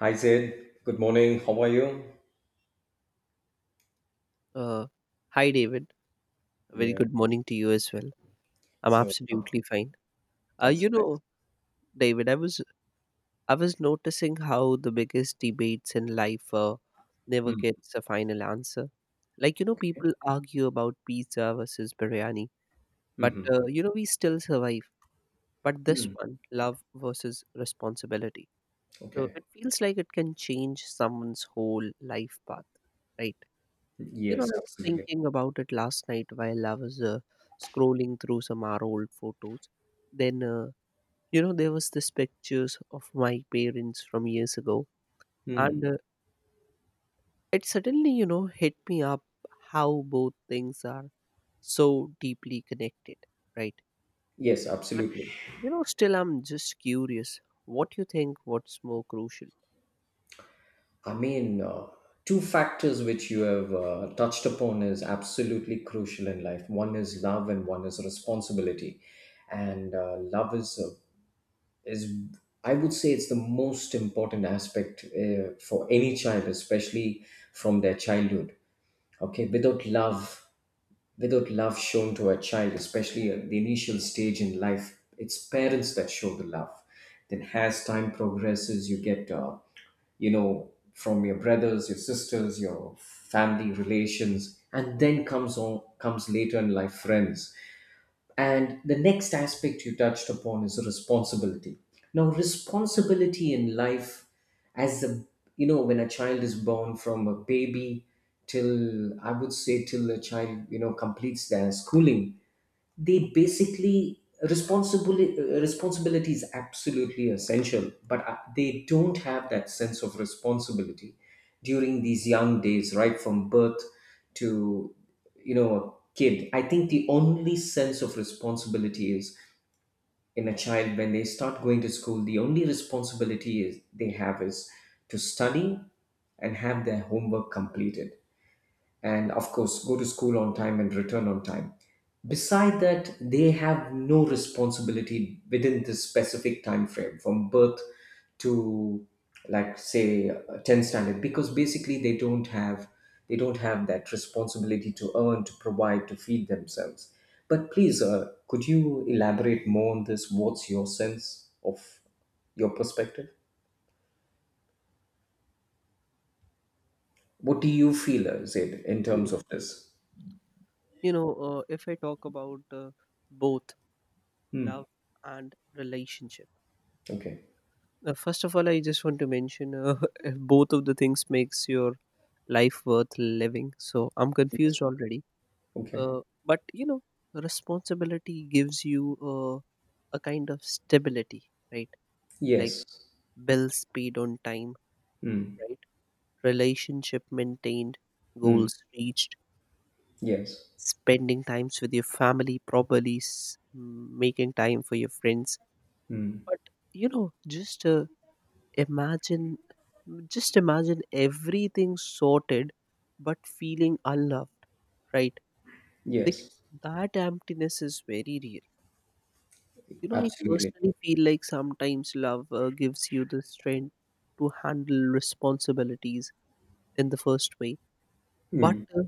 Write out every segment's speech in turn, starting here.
Hi Zed, good morning. How are you? Uh, Hi, David. A very Yeah. good morning to you as well. I'm So uh, absolutely fine. Uh, that's you nice. know, David, I was noticing how the biggest debates in life never Mm, gets a final answer. Okay. People argue about pizza versus biryani, but Mm-hmm. We still survive. But Hmm. this Mm, one, love versus responsibility, so okay. it feels like it can change someone's whole life path, right? Yes, I was absolutely. thinking about it last night while I was scrolling through some our old photos. Then, uh, there was this pictures of my parents from years ago, Mm, and it suddenly, hit me up how both things are so deeply connected, right? yes, But absolutely. Still, I'm just curious. What you think? What's more crucial? I mean, uh, Two factors which you have touched upon is absolutely crucial in life. One is love, and one is responsibility. And Love is I would say it's the most important aspect for any child, especially from their childhood. Okay, without love, without love shown to a child, especially at the initial stage in life, it's parents that show the love. Then, as time progresses, you get, you know, from your brothers, your sisters, your family relations, and then comes later in life friends. And the next aspect you touched upon is responsibility. Now, responsibility in life, as a you know, when a child is born, from a baby till, I would say, till a child, you know, completes their schooling, they basically responsibility, is absolutely essential, but they don't have that sense of responsibility during these young days, right from birth to, you know, a kid. I think the only sense of responsibility is in a child, when they start going to school, the only responsibility is they have is to study and have their homework completed, and of course go to school on time and return on time. Beside that, they have no responsibility within this specific time frame from birth to, like, say, 10 standard, because basically they don't have that responsibility to earn, to provide, to feed themselves. But please, could you elaborate more on this? What's your sense of, your perspective, what do you feel, Zaid, in Hmm. terms of this? If I talk about both Hmm. love and relationship. Okay. First of all, I just want to mention if both of the things makes your life worth living. So I'm Yes. confused already. Okay. Uh, but you know, Responsibility gives you a kind of stability, right? Like Yes. bills paid on time, Mm. right? Relationship maintained, Mm. goals reached, Yes. spending times with your family properly, making time for your friends. Mm. But you know, just uh, Imagine, just imagine everything sorted but feeling unloved, right? Yes. Because that emptiness is very real. You know, I Absolutely. personally feel like sometimes love gives you the strength to handle responsibilities in the first way. But, Mm. uh,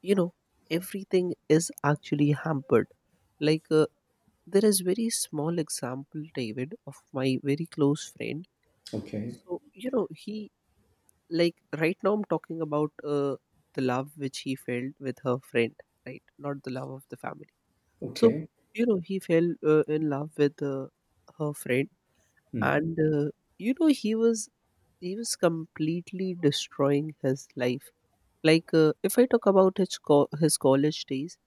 you know, Everything is actually hampered. Like, uh, there is very small example David of my very close friend. Okay. So you know he, like right now I'm talking about the love which he felt with her friend, right? Not the love of the family. So Okay. you know he fell in love with her friend. Mm. And you know he was he was completely destroying his life. Like if I talk about his his college days,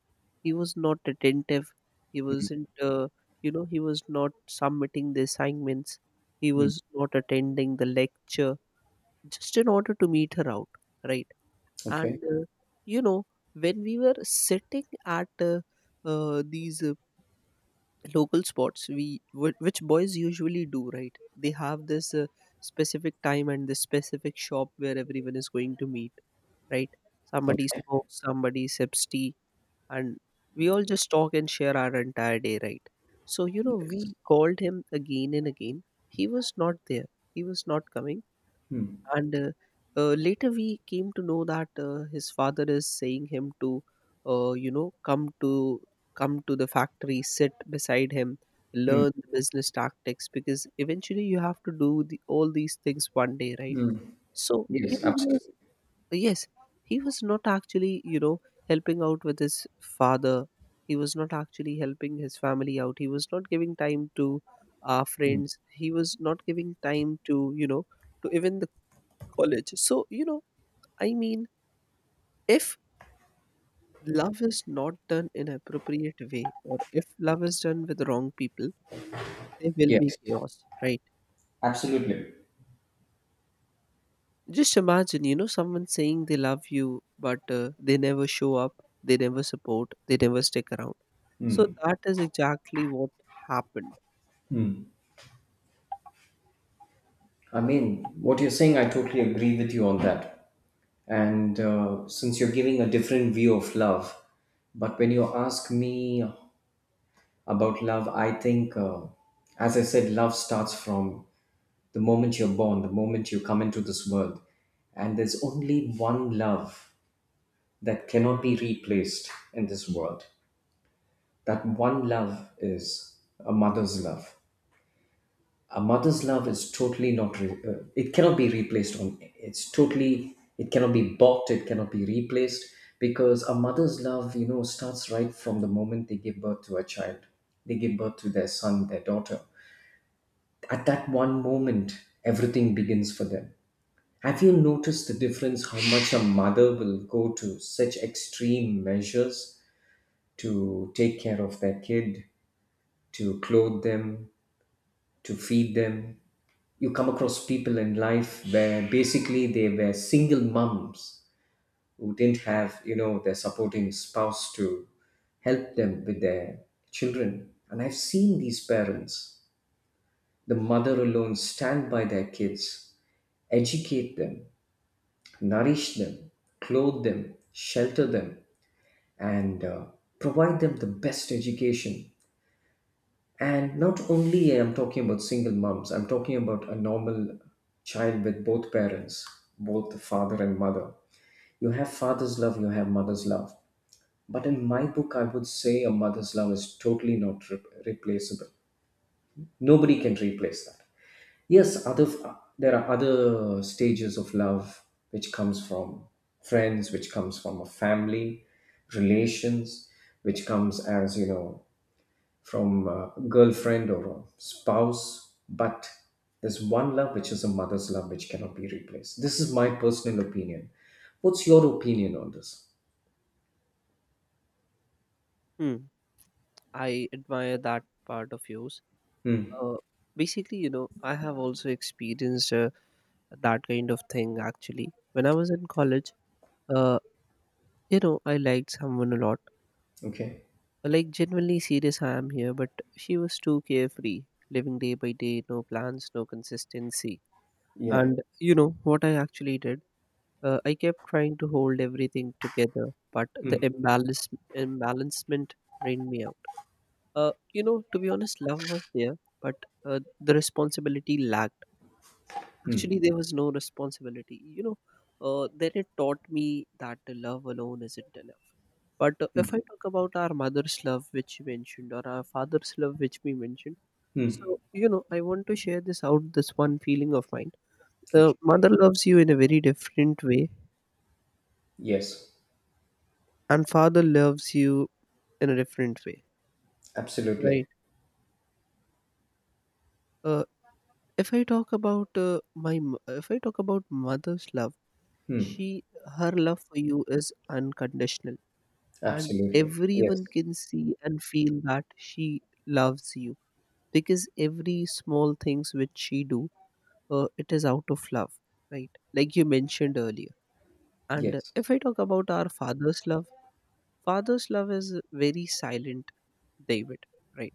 he was not attentive. He wasn't he was not submitting the assignments. He Mm. was not attending the lecture just in order to meet her out, right? And Okay. You know when we were sitting at these local spots we which boys usually do, right? They have this specific time and this specific shop where everyone is going to meet, right? Somebody Okay. smokes, somebody sips tea, and we all just talk and share our entire day, right? So you know we called him again and again. He was not there. He was not coming. Mm. And later we came to know that his father is saying him to come to come to the factory, sit beside him, Mm. learn the business tactics because eventually you have to do the, all these things one day, right? So you Yes. know he was, Absolutely. yes, he was not actually helping out with his father. He was not actually helping his family out. He was not giving time to our Mm. friends. He was not giving time to to even the college. So, I mean, if love is not done in appropriate way or if love is done with wrong people, there will be Yes. chaos, right? Absolutely. Just imagine, someone saying they love you, but they never show up, they never support, they never stick around. So that is exactly what happened. I mean, what you're saying, I totally agree with you on that. And Since you're giving a different view of love, but when you ask me about love, I think, as I said, love starts from the moment you're born, the moment you come into this world, and there's only one love that cannot be replaced in this world. That one love is a mother's love. A mother's love is totally not re- it cannot be replaced on it's totally, it cannot be bought, it cannot be replaced, because a mother's love, you know, starts right from the moment they give birth to a child, they give birth to their son, their daughter. At that one moment, everything begins for them. Have you noticed the difference, how much a mother will go to such extreme measures to take care of their kid, to clothe them, to feed them? You come across people in life where basically they were single mums who didn't have, you know, their supporting spouse to help them with their children, and I've seen these parents, the mother alone, stand by their kids, educate them, nourish them, clothe them, shelter them, and provide them the best education. And not only I'm talking about single moms, I'm talking about a normal child with both parents, both the father and mother. You have father's love, you have mother's love. But in my book, I would say a mother's love is totally not re- replaceable. Nobody can replace that. Yes, other, there are other stages of love which comes from friends, which comes from a family, relations, which comes, as you know, from a girlfriend or a spouse. But there's one love which is a mother's love, which cannot be replaced. This is my personal opinion. What's your opinion on this? Hmm. I admire that part of yours. Hmm. Uh, I have also experienced that kind of thing actually. When I was in college, uh, you know, I liked someone a lot. Okay. Like, genuinely serious, I am here, but she was too carefree, living day by day, no plans, no consistency. Yeah. And you know what I actually did? I kept trying to hold everything together, but the Hmm. imbalance, imbalancement drained me out. To be honest, love was there, but the responsibility lacked. Actually, there was no responsibility. Then it taught me that the love alone isn't enough. But if I talk about our mother's love, which you mentioned, or our father's love, which we mentioned, Hmm. so you know, I want to share this out. This one feeling of mine: the Okay. mother loves you in a very different way, Yes. and father loves you in a different way, Absolutely. right? Uh, if I talk about if I talk about mother's love, she her love for you is unconditional, and Absolutely. Yes. everyone can see and feel that she loves you because every small things which she do, it is out of love, right? Like you mentioned earlier. And Yes. if I talk about our father's love, father's love is very silent, David, right?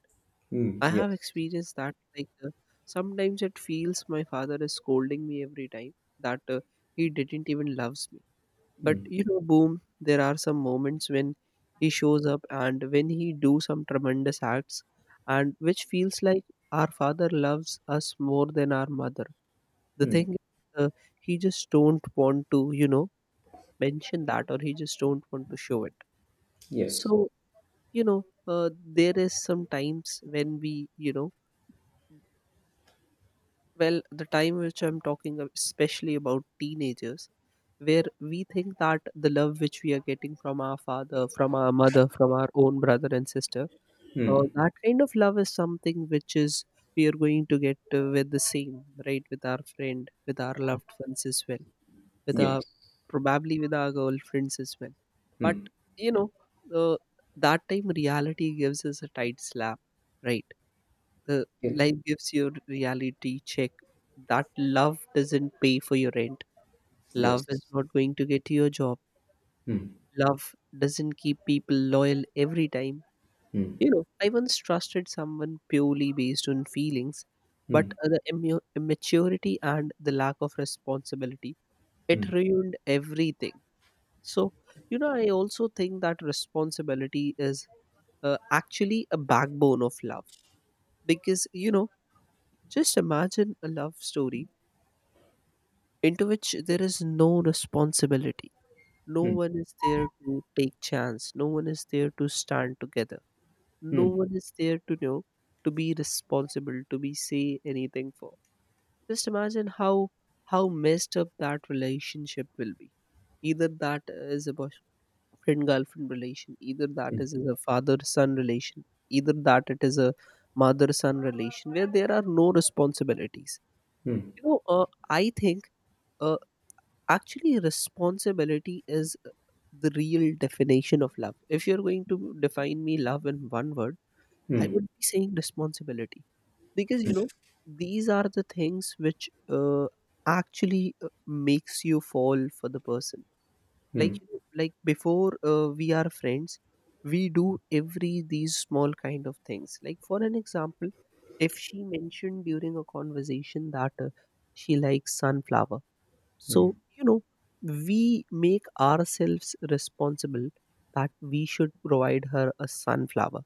Hmm. I Yes. have experienced that. Like sometimes it feels my father is scolding me every time, that he didn't even loves me. But you know, boom, there are some moments when he shows up and when he do some tremendous acts, and which feels like our father loves us more than our mother. The Hmm. thing is, uh, he just don't want to mention that, or he just don't want to show it. So Yes. you know uh, there is some times when we, the time which I'm talking especially about teenagers, where we think that the love which we are getting from our father, from our mother, from our own brother and sister, Hmm. that kind of love is something which is we are going to get with the same right with our friend, with our loved ones as well, with our Yes. probably with our girlfriends as well. But Hmm. you know the that time reality gives us a tight slap, right? the Yeah. Life gives you a reality check that love doesn't pay for your rent. Love Yes. is not going to get you a job. Love doesn't keep people loyal every time. You know, I once trusted someone purely based on feelings, but immaturity and the lack of responsibility, it ruined everything. So, you know, I also think that responsibility is actually a backbone of love because, you know, just imagine a love story into which there is no responsibility. No one is there to take chance. No one is there to stand together. No Hmm. one is there to know to be responsible, to be say anything for. Just imagine how messed up that relationship will be. Either that is about friend girlfriend relation, either that is a father son relation, either that it is a mother son relation where there are no responsibilities. Hmm. You know I think uh, Actually responsibility is the real definition of love. If you're going to define me love in one word, I Hmm. would be saying responsibility because you know these are the things which actually makes you fall for the person. Hmm. Like before we are friends, we do every these small kind of things. Like for an example, if she mentioned during a conversation that she likes sunflower, so you know we make ourselves responsible that we should provide her a sunflower.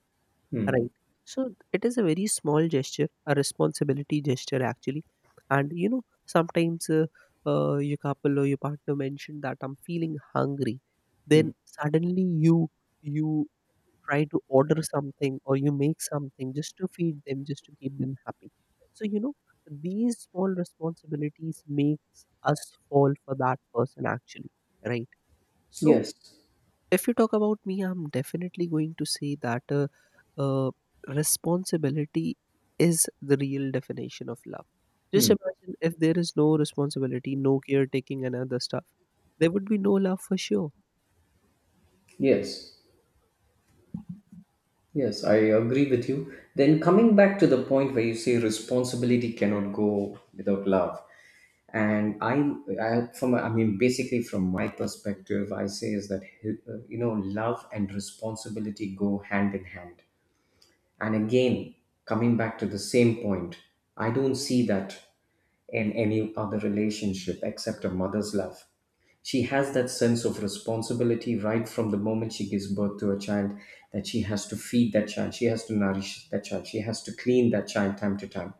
Hmm. Right. So it is a very small gesture, a responsibility gesture actually. And you know, sometimes your couple or your partner mentioned that I'm feeling hungry. Hmm. Then suddenly you try to order something, or you make something just to feed them, just to keep them happy. So you know, these small responsibilities makes us fall for that person actually. Right. So Yes. if you talk about me, I'm definitely going to say that uh, responsibility is the real definition of love. Just Hmm. imagine if there is no responsibility, no caretaking, and other stuff, there would be no love for sure. Yes. Yes, I agree with you. Then, coming back to the point where you say responsibility cannot go without love, and I mean, basically from my perspective, I say is that, you know, love and responsibility go hand in hand. And again, coming back to the same point, I don't see that in any other relationship except a mother's love. She has that sense of responsibility right from the moment she gives birth to a child, that she has to feed that child, she has to nourish that child, she has to clean that child time to time.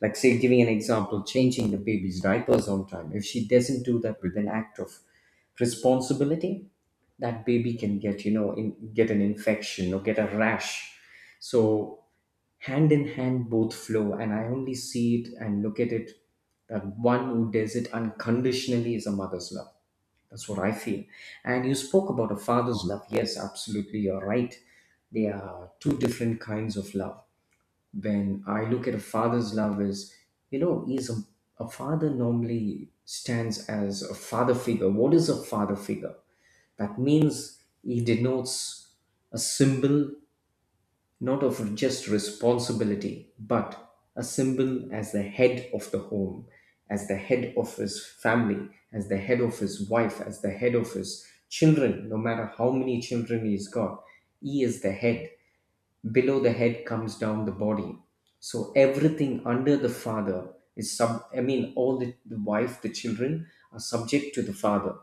Like, say, giving an example, changing the baby's diapers on time. If she doesn't do that with an act of responsibility, that baby can get, you know, get an infection or get a rash. So, hand in hand, both flow, and I only see it and look at it, that one who does it unconditionally is a mother's love. That's what I feel. And you spoke about a father's love. Yes, absolutely, you're right. They are two different kinds of love. When I look at a father's love is, you know, is a father normally stands as a father figure. What is a father figure? That means he denotes a symbol, not of just responsibility, but a symbol as the head of the home, as the head of his family, as the head of his wife, as the head of his children, no matter how many children he's got. He is the head. Below the head comes down the body. So everything under the father is sub I mean all the wife, the children are subject to the father,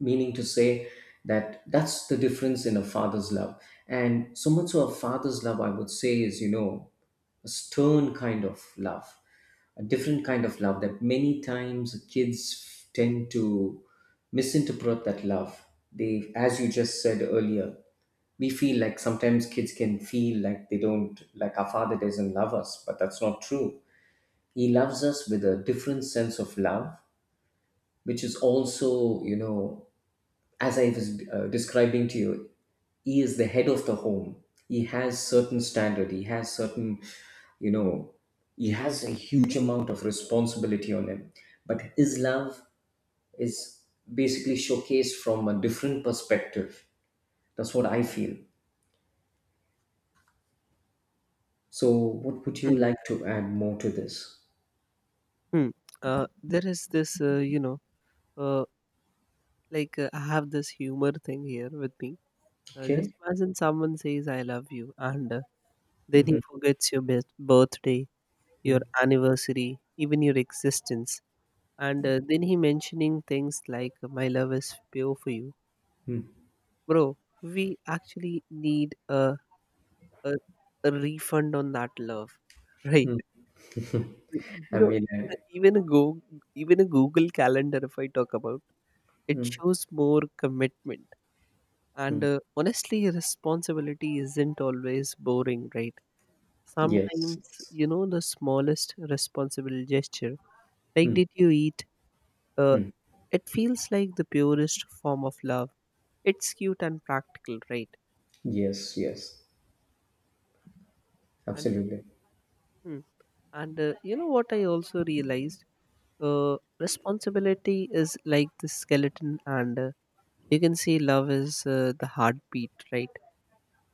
meaning to say, that that's the difference in a father's love. And so much of a father's love, I would say, is, you know, a stern kind of love, a different kind of love that many times kids tend to misinterpret that love. They, as you just said earlier, we feel like sometimes kids can feel like they don't like our father doesn't love us, but that's not true. He loves us with a different sense of love, which is also, you know, as I was describing to you, he is the head of the home, he has certain standard, he has certain, you know, he has a huge amount of responsibility on him, but his love is basically showcased from a different perspective. That's what I feel. So, what would you Hmm. like to add more to this? Hmm. There is this, you know, uh, like I have this humor thing here with me. Just Okay. imagine someone says "I love you" and then he forgets your birthday, your anniversary, even your existence. And then he mentioning things like my love is pure for you, bro. We actually need a, a refund on that love, right? You I know, mean, even uh, a, even a go even a Google Calendar, if I talk about, it shows more commitment. And honestly, responsibility isn't always boring, right? yes, Sometimes, yes. you know, the smallest responsible gesture, like did you eat, uh, Hmm. it feels like the purest form of love. It's cute and practical, right? Yes, yes, and absolutely. hmm, and You know what I also realized? Responsibility is like the skeleton, and you can say love is the heartbeat, right?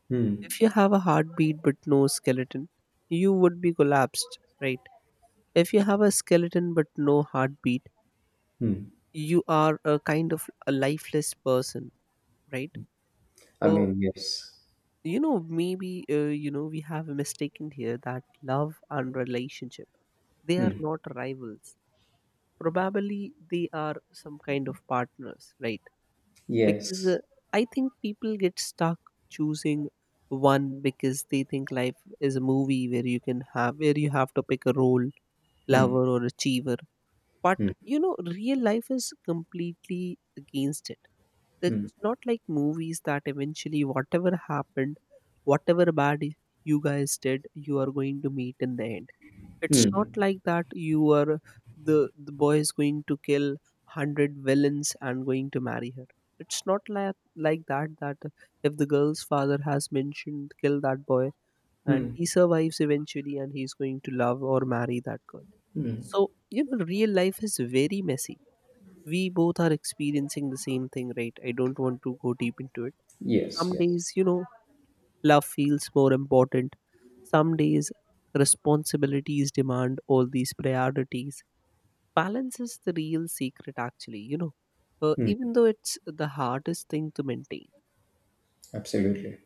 Hmm. If you have a heartbeat but no skeleton, you would be collapsed, right? If you have a skeleton but no heartbeat, Hmm. you are a kind of a lifeless person, right? I So, mean, yes. you know, maybe, you know, we have a mistaken here that love and relationship, they are Hmm. not rivals. Probably they are some kind of partners, right? Because Yes. I think people get stuck choosing one, because they think life is a movie where you have to pick a role, Hmm. lover or achiever. But you know, real life is completely against it. It's not like movies that eventually whatever happened, whatever bad you guys did, you are going to meet in the end. It's not Hmm. like that. You are the the boy is going to kill 100 villains and going to marry her. It's not like that if the girl's father has mentioned kill that boy, and Hmm. he survives eventually, and he's going to love or marry that girl. So, you know, real life is very messy. We both are experiencing the same thing, right? I don't want to go deep into it. Yes, Some yes, days, you know, love feels more important. Some days, responsibilities demand all these priorities. Balance is the real secret, actually, you know, even though it's the hardest thing to maintain. absolutely.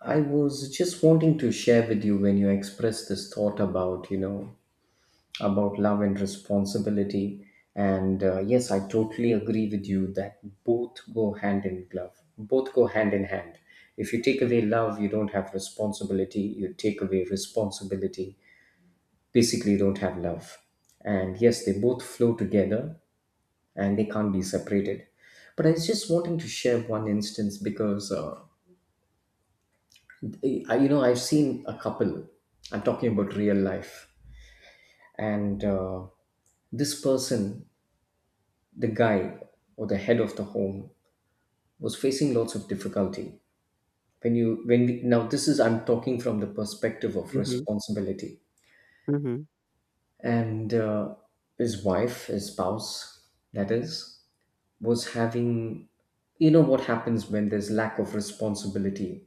I was just wanting to share with you when you expressed this thought about, you know, about love and responsibility. And yes, I totally agree with you that both go hand in glove, both go hand in hand. If you take away love, you don't have responsibility. You take away responsibility, basically, you don't have love. And yes, they both flow together and they can't be separated. But I was just wanting to share one instance, because, I, you know, I've seen a couple. I'm talking about real life. And this person, the guy or the head of the home, was facing lots of difficulty when you when we, now this is, I'm talking from the perspective of Hmm. responsibility. Hmm. And his wife, his spouse, that is, was having, you know, what happens when there's lack of responsibility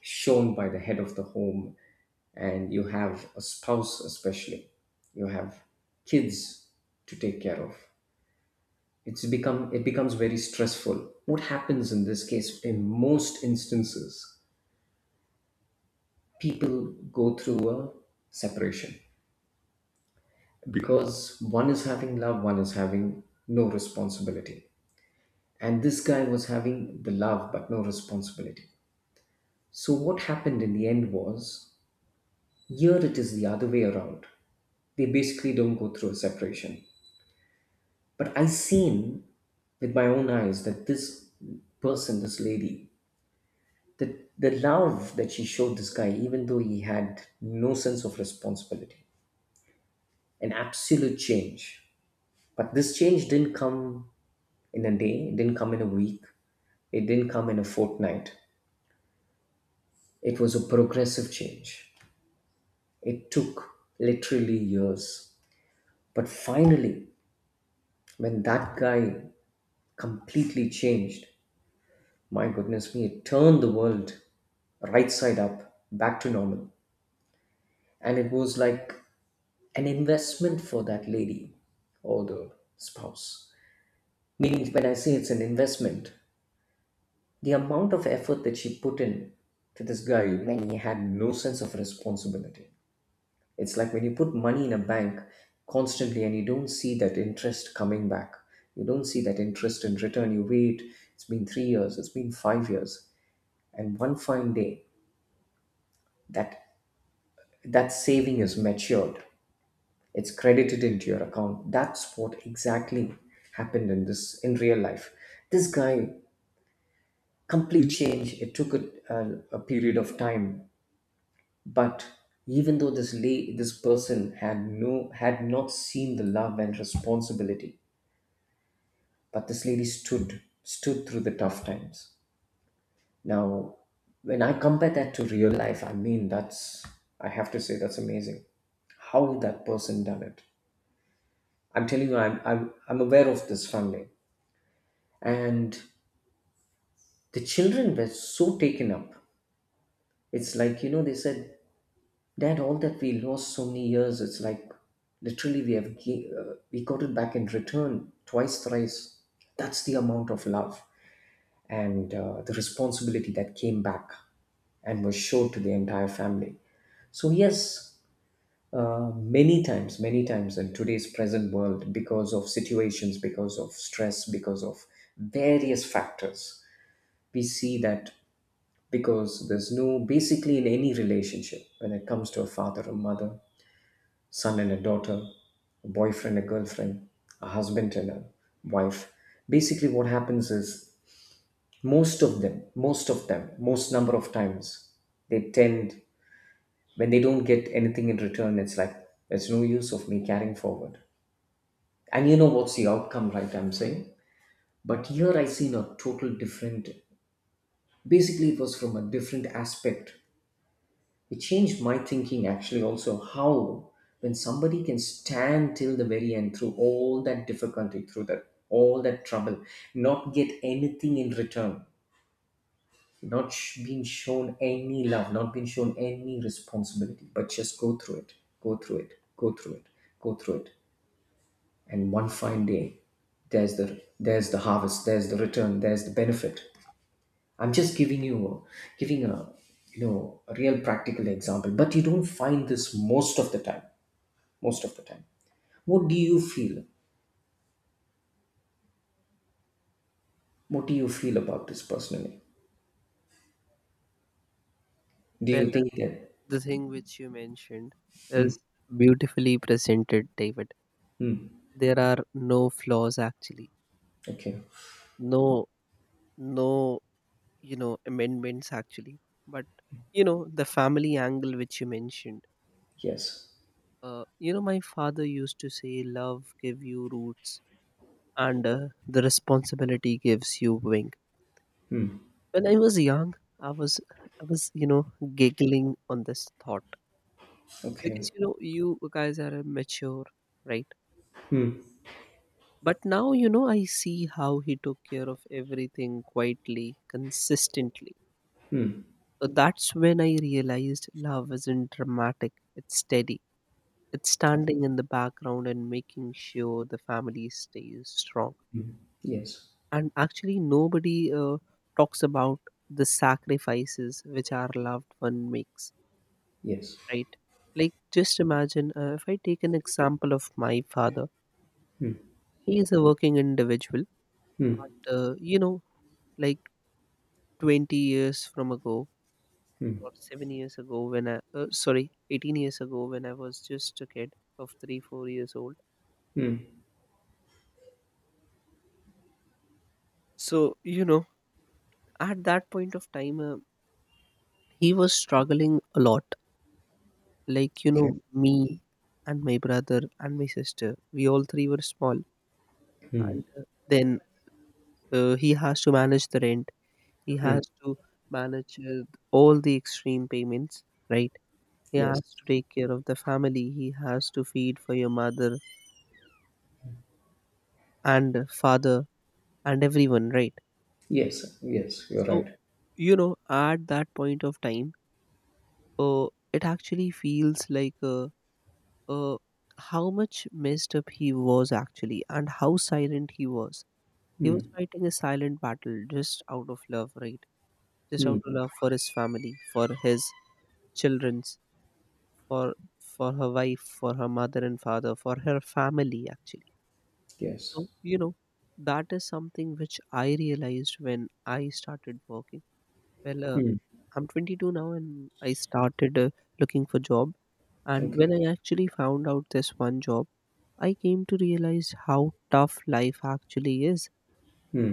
shown by the head of the home, and you have a spouse, especially you have kids to take care of, it becomes very stressful. What happens in this case in most instances, people go through a separation, because one is having love, one is having no responsibility, and this guy was having the love but no responsibility. So what happened in the end was, here it is the other way around, they basically don't go through a separation. But I seen with my own eyes that this person, this lady, the love that she showed this guy, even though he had no sense of responsibility, an absolute change. But this change didn't come in a day, it didn't come in a week, it didn't come in a fortnight. It was a progressive change. It took literally years. But finally, when that guy completely changed, my goodness me, it turned the world right side up back to normal. And it was like an investment for that lady or the spouse. Meaning, when I say it's an investment, the amount of effort that she put in to this guy when he had no sense of responsibility. It's like when you put money in a bank constantly and you don't see that interest coming back. You don't see that interest in return. You wait. It's been 3 years. It's been 5 years, and one fine day that that saving is matured. It's credited into your account. That's what exactly happened in this, in real life. This guy, complete change. It took a period of time, but even though this lady, this person, had had not seen the love and responsibility, but this lady stood through the tough times. Now, when I compare that to real life, that's, I have to say, that's amazing, how that person done it. I'm telling you, I'm aware of this family, and the children were so taken up. It's like, they said, dad, all that we lost so many years, it's like literally we have we got it back in return twice, thrice. That's the amount of love and the responsibility that came back and was showed to the entire family. So yes, many times in today's present world, because of situations, because of stress, because of various factors, we see that, because there's no, basically, in any relationship, when it comes to a father, a mother, son and a daughter, a boyfriend, a girlfriend, a husband and a wife, basically what happens is, most of them most number of times, they tend, when they don't get anything in return, it's like, there's no use of me carrying forward, and what's the outcome, right? I'm saying. But here I seen a total different. Basically, it was from a different aspect. It changed my thinking actually, also how, when somebody can stand till the very end through all that difficulty, through that all that trouble, not get anything in return, not being shown any love, not being shown any responsibility, but just go through it, go through it, go through it, go through it, and one fine day, there's the harvest, there's the return, there's the benefit. I'm just giving you, giving a a real practical example, but you don't find this most of the time. Most of the time, what do you feel? What do you feel about this personally? Do Well, you think that? the thing which you mentioned is beautifully presented, David. There are no flaws actually, Okay. no, no, you know, amendments actually. But you know, the family angle which you mentioned, Yes. You know, my father used to say, "Love give you roots, and the responsibility gives you wing." When I was young, I was, I was, you know, giggling on this thought, because Okay. you know, you guys are mature, right? But now, you know, I see how he took care of everything quietly, consistently. So that's when I realized love isn't dramatic; it's steady. It's standing in the background and making sure the family stays strong. Yes. And actually nobody talks about the sacrifices which our loved one makes, Yes. right? Like just imagine, if I take an example of my father, he is a working individual. Hmm. But you know, like 20 years from ago, or 7 years ago when I sorry, 18 years ago when I was just a kid of 3 4 years old. Hmm. So you know, at that point of time, he was struggling a lot. Like, you Okay. know, me and my brother and my sister, we all three were small. And then he has to manage the rent, he has to manage all the extreme payments, right? He Yes. has to take care of the family, he has to feed for your mother and father and everyone, right? Yes. Yes. You're So, right. you know, at that point of time, uh, it actually feels like uh, how much messed up he was actually, and how silent he was. He was Hmm. fighting a silent battle just out of love, right? Just Hmm. out of love for his family, for his children's, for her wife, for her mother and father, for her family actually. Yes. So, you know, that is something which I realized when I started working. Well, Hmm. I'm 22 now, and I started looking for job. And when Okay. I actually found out this one job, I came to realize how tough life actually is.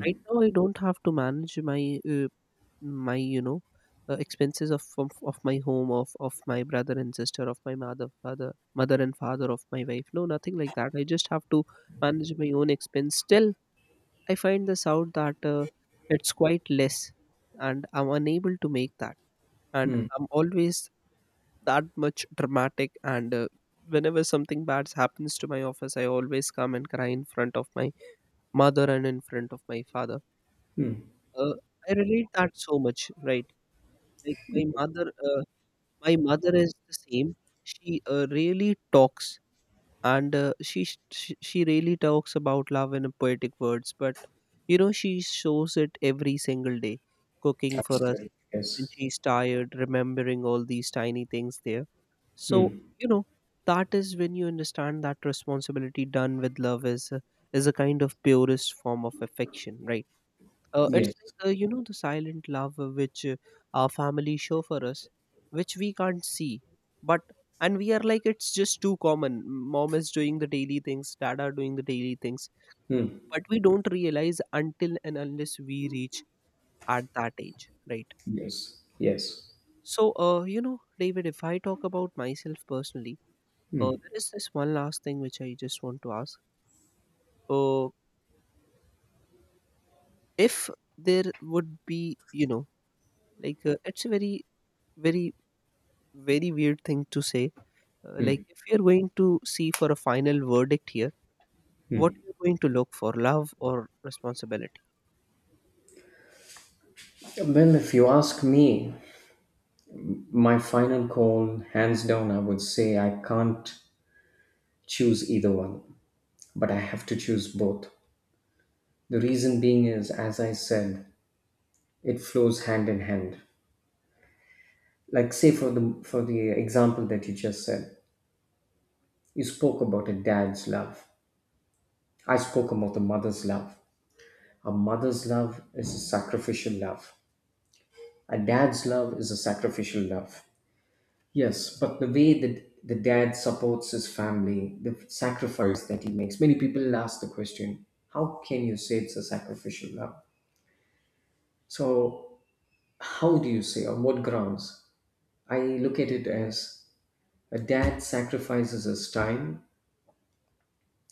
Right now, I don't have to manage my my you know expenses of, of my home, of my brother and sister, of my mother, father, mother and father, of my wife. No, nothing like that. I just have to manage my own expense. Still, I find this out that it's quite less, and I'm unable to make that. And I'm always that much dramatic. And whenever something bad happens to my office, I always come and cry in front of my mother and in front of my father. Hmm. uh, I relate that so much, right? Like my mother is the same. She really talks, and she, sh- she really talks about love in a poetic words. But you know, she shows it every single day, cooking for us Absolutely. when Yes. she's tired, remembering all these tiny things there. So Hmm. you know, that is when you understand that responsibility done with love is is a kind of purest form of affection, right? It's Yes. like, you know, the silent love, which our family show for us, which we can't see, but, and we are like it's just too common. Mom is doing the daily things, dad are doing the daily things, Hmm. but we don't realize until and unless we reach at that age, right? Yes. Yes. So, you know, David, if I talk about myself personally, there is this one last thing which I just want to ask. Uh, if there would be, you know, like it's a very, very weird thing to say. Like if you're going to see for a final verdict here, what you're going to look for, love or responsibility? Well, if you ask me, my final call, hands down, I would say I can't choose either one, but I have to choose both. The reason being is, as I said, it flows hand in hand. Like, say for the example that you just said, you spoke about a dad's love. I spoke about a mother's love. A mother's love is a sacrificial love. A dad's love is a sacrificial love. Yes, but the way that the dad supports his family, the sacrifice that he makes. Many people ask the question, how can you say it's a sacrificial love? So, how do you say, on what grounds? I look at it as, a dad sacrifices his time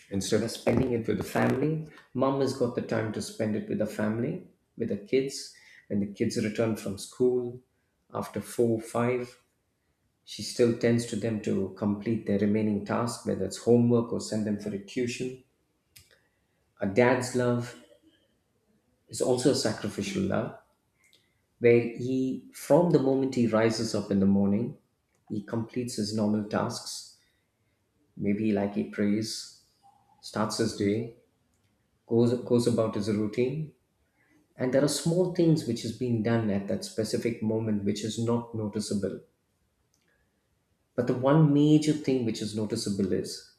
instead of spending it with the family. Mom has got the time to spend it with the family, with the kids, when the kids return from school after four, five. She still tends to them to complete their remaining task, whether it's homework or send them for a tuition. A dad's love is also a sacrificial love, where he, from the moment he rises up in the morning, he completes his normal tasks. Maybe like he prays, starts his day, goes about his routine, and there are small things which is being done at that specific moment which is not noticeable. But the one major thing which is noticeable is,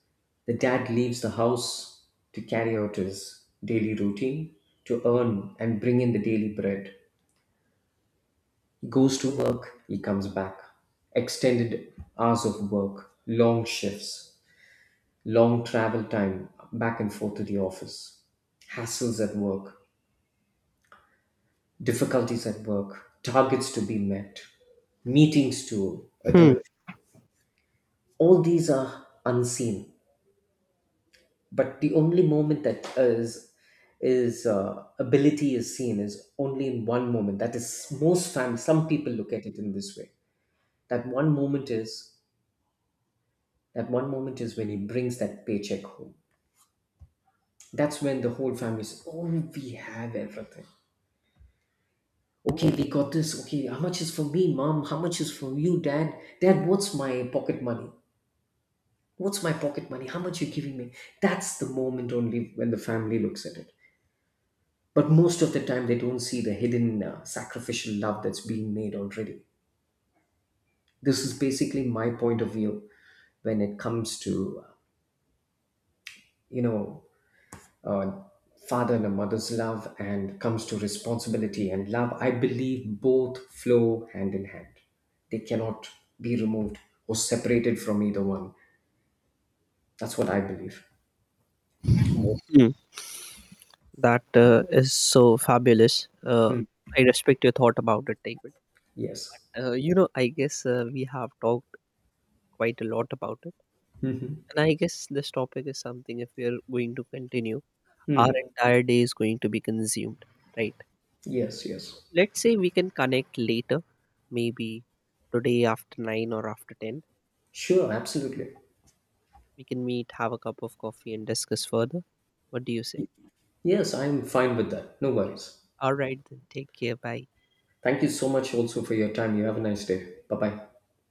the dad leaves the house to carry out his daily routine, to earn and bring in the daily bread. He goes to work, he comes back. Extended hours of work, long shifts, long travel time back and forth to the office, hassles at work, difficulties at work, targets to be met, meetings to Hmm. adhere to. All these are unseen, but the only moment that is ability is seen is only in one moment. That is, most families, some people look at it in this way, that one moment is when he brings that paycheck home. That's when the whole family says, oh, we have everything. Okay, we got this. Okay, how much is for me, mom? How much is for you, dad? Dad, what's my pocket money, how much you giving me? That's the moment only when the family looks at it. But most of the time they don't see the hidden sacrificial love that's being made already. This is basically my point of view. When it comes to, you know uh, father and a mother's love, and comes to responsibility and love, I believe both flow hand in hand. They cannot be removed or separated from either one. That's what I believe. Both. Hmm. That is so fabulous. Hmm. I respect your thought about it, David. Yes. You know, I guess we have talked quite a lot about it, and I guess this topic is something, if we are going to continue, Hmm. our entire day is going to be consumed, right? Yes. So Yes. let's say we can connect later, maybe today after 9 or after 10. Sure, absolutely. We can meet, have a cup of coffee and discuss further. What do you say? Yes, I'm fine with that, no worries. All right then, take care, bye. Thank you so much also for your time. You have a nice day. Bye bye.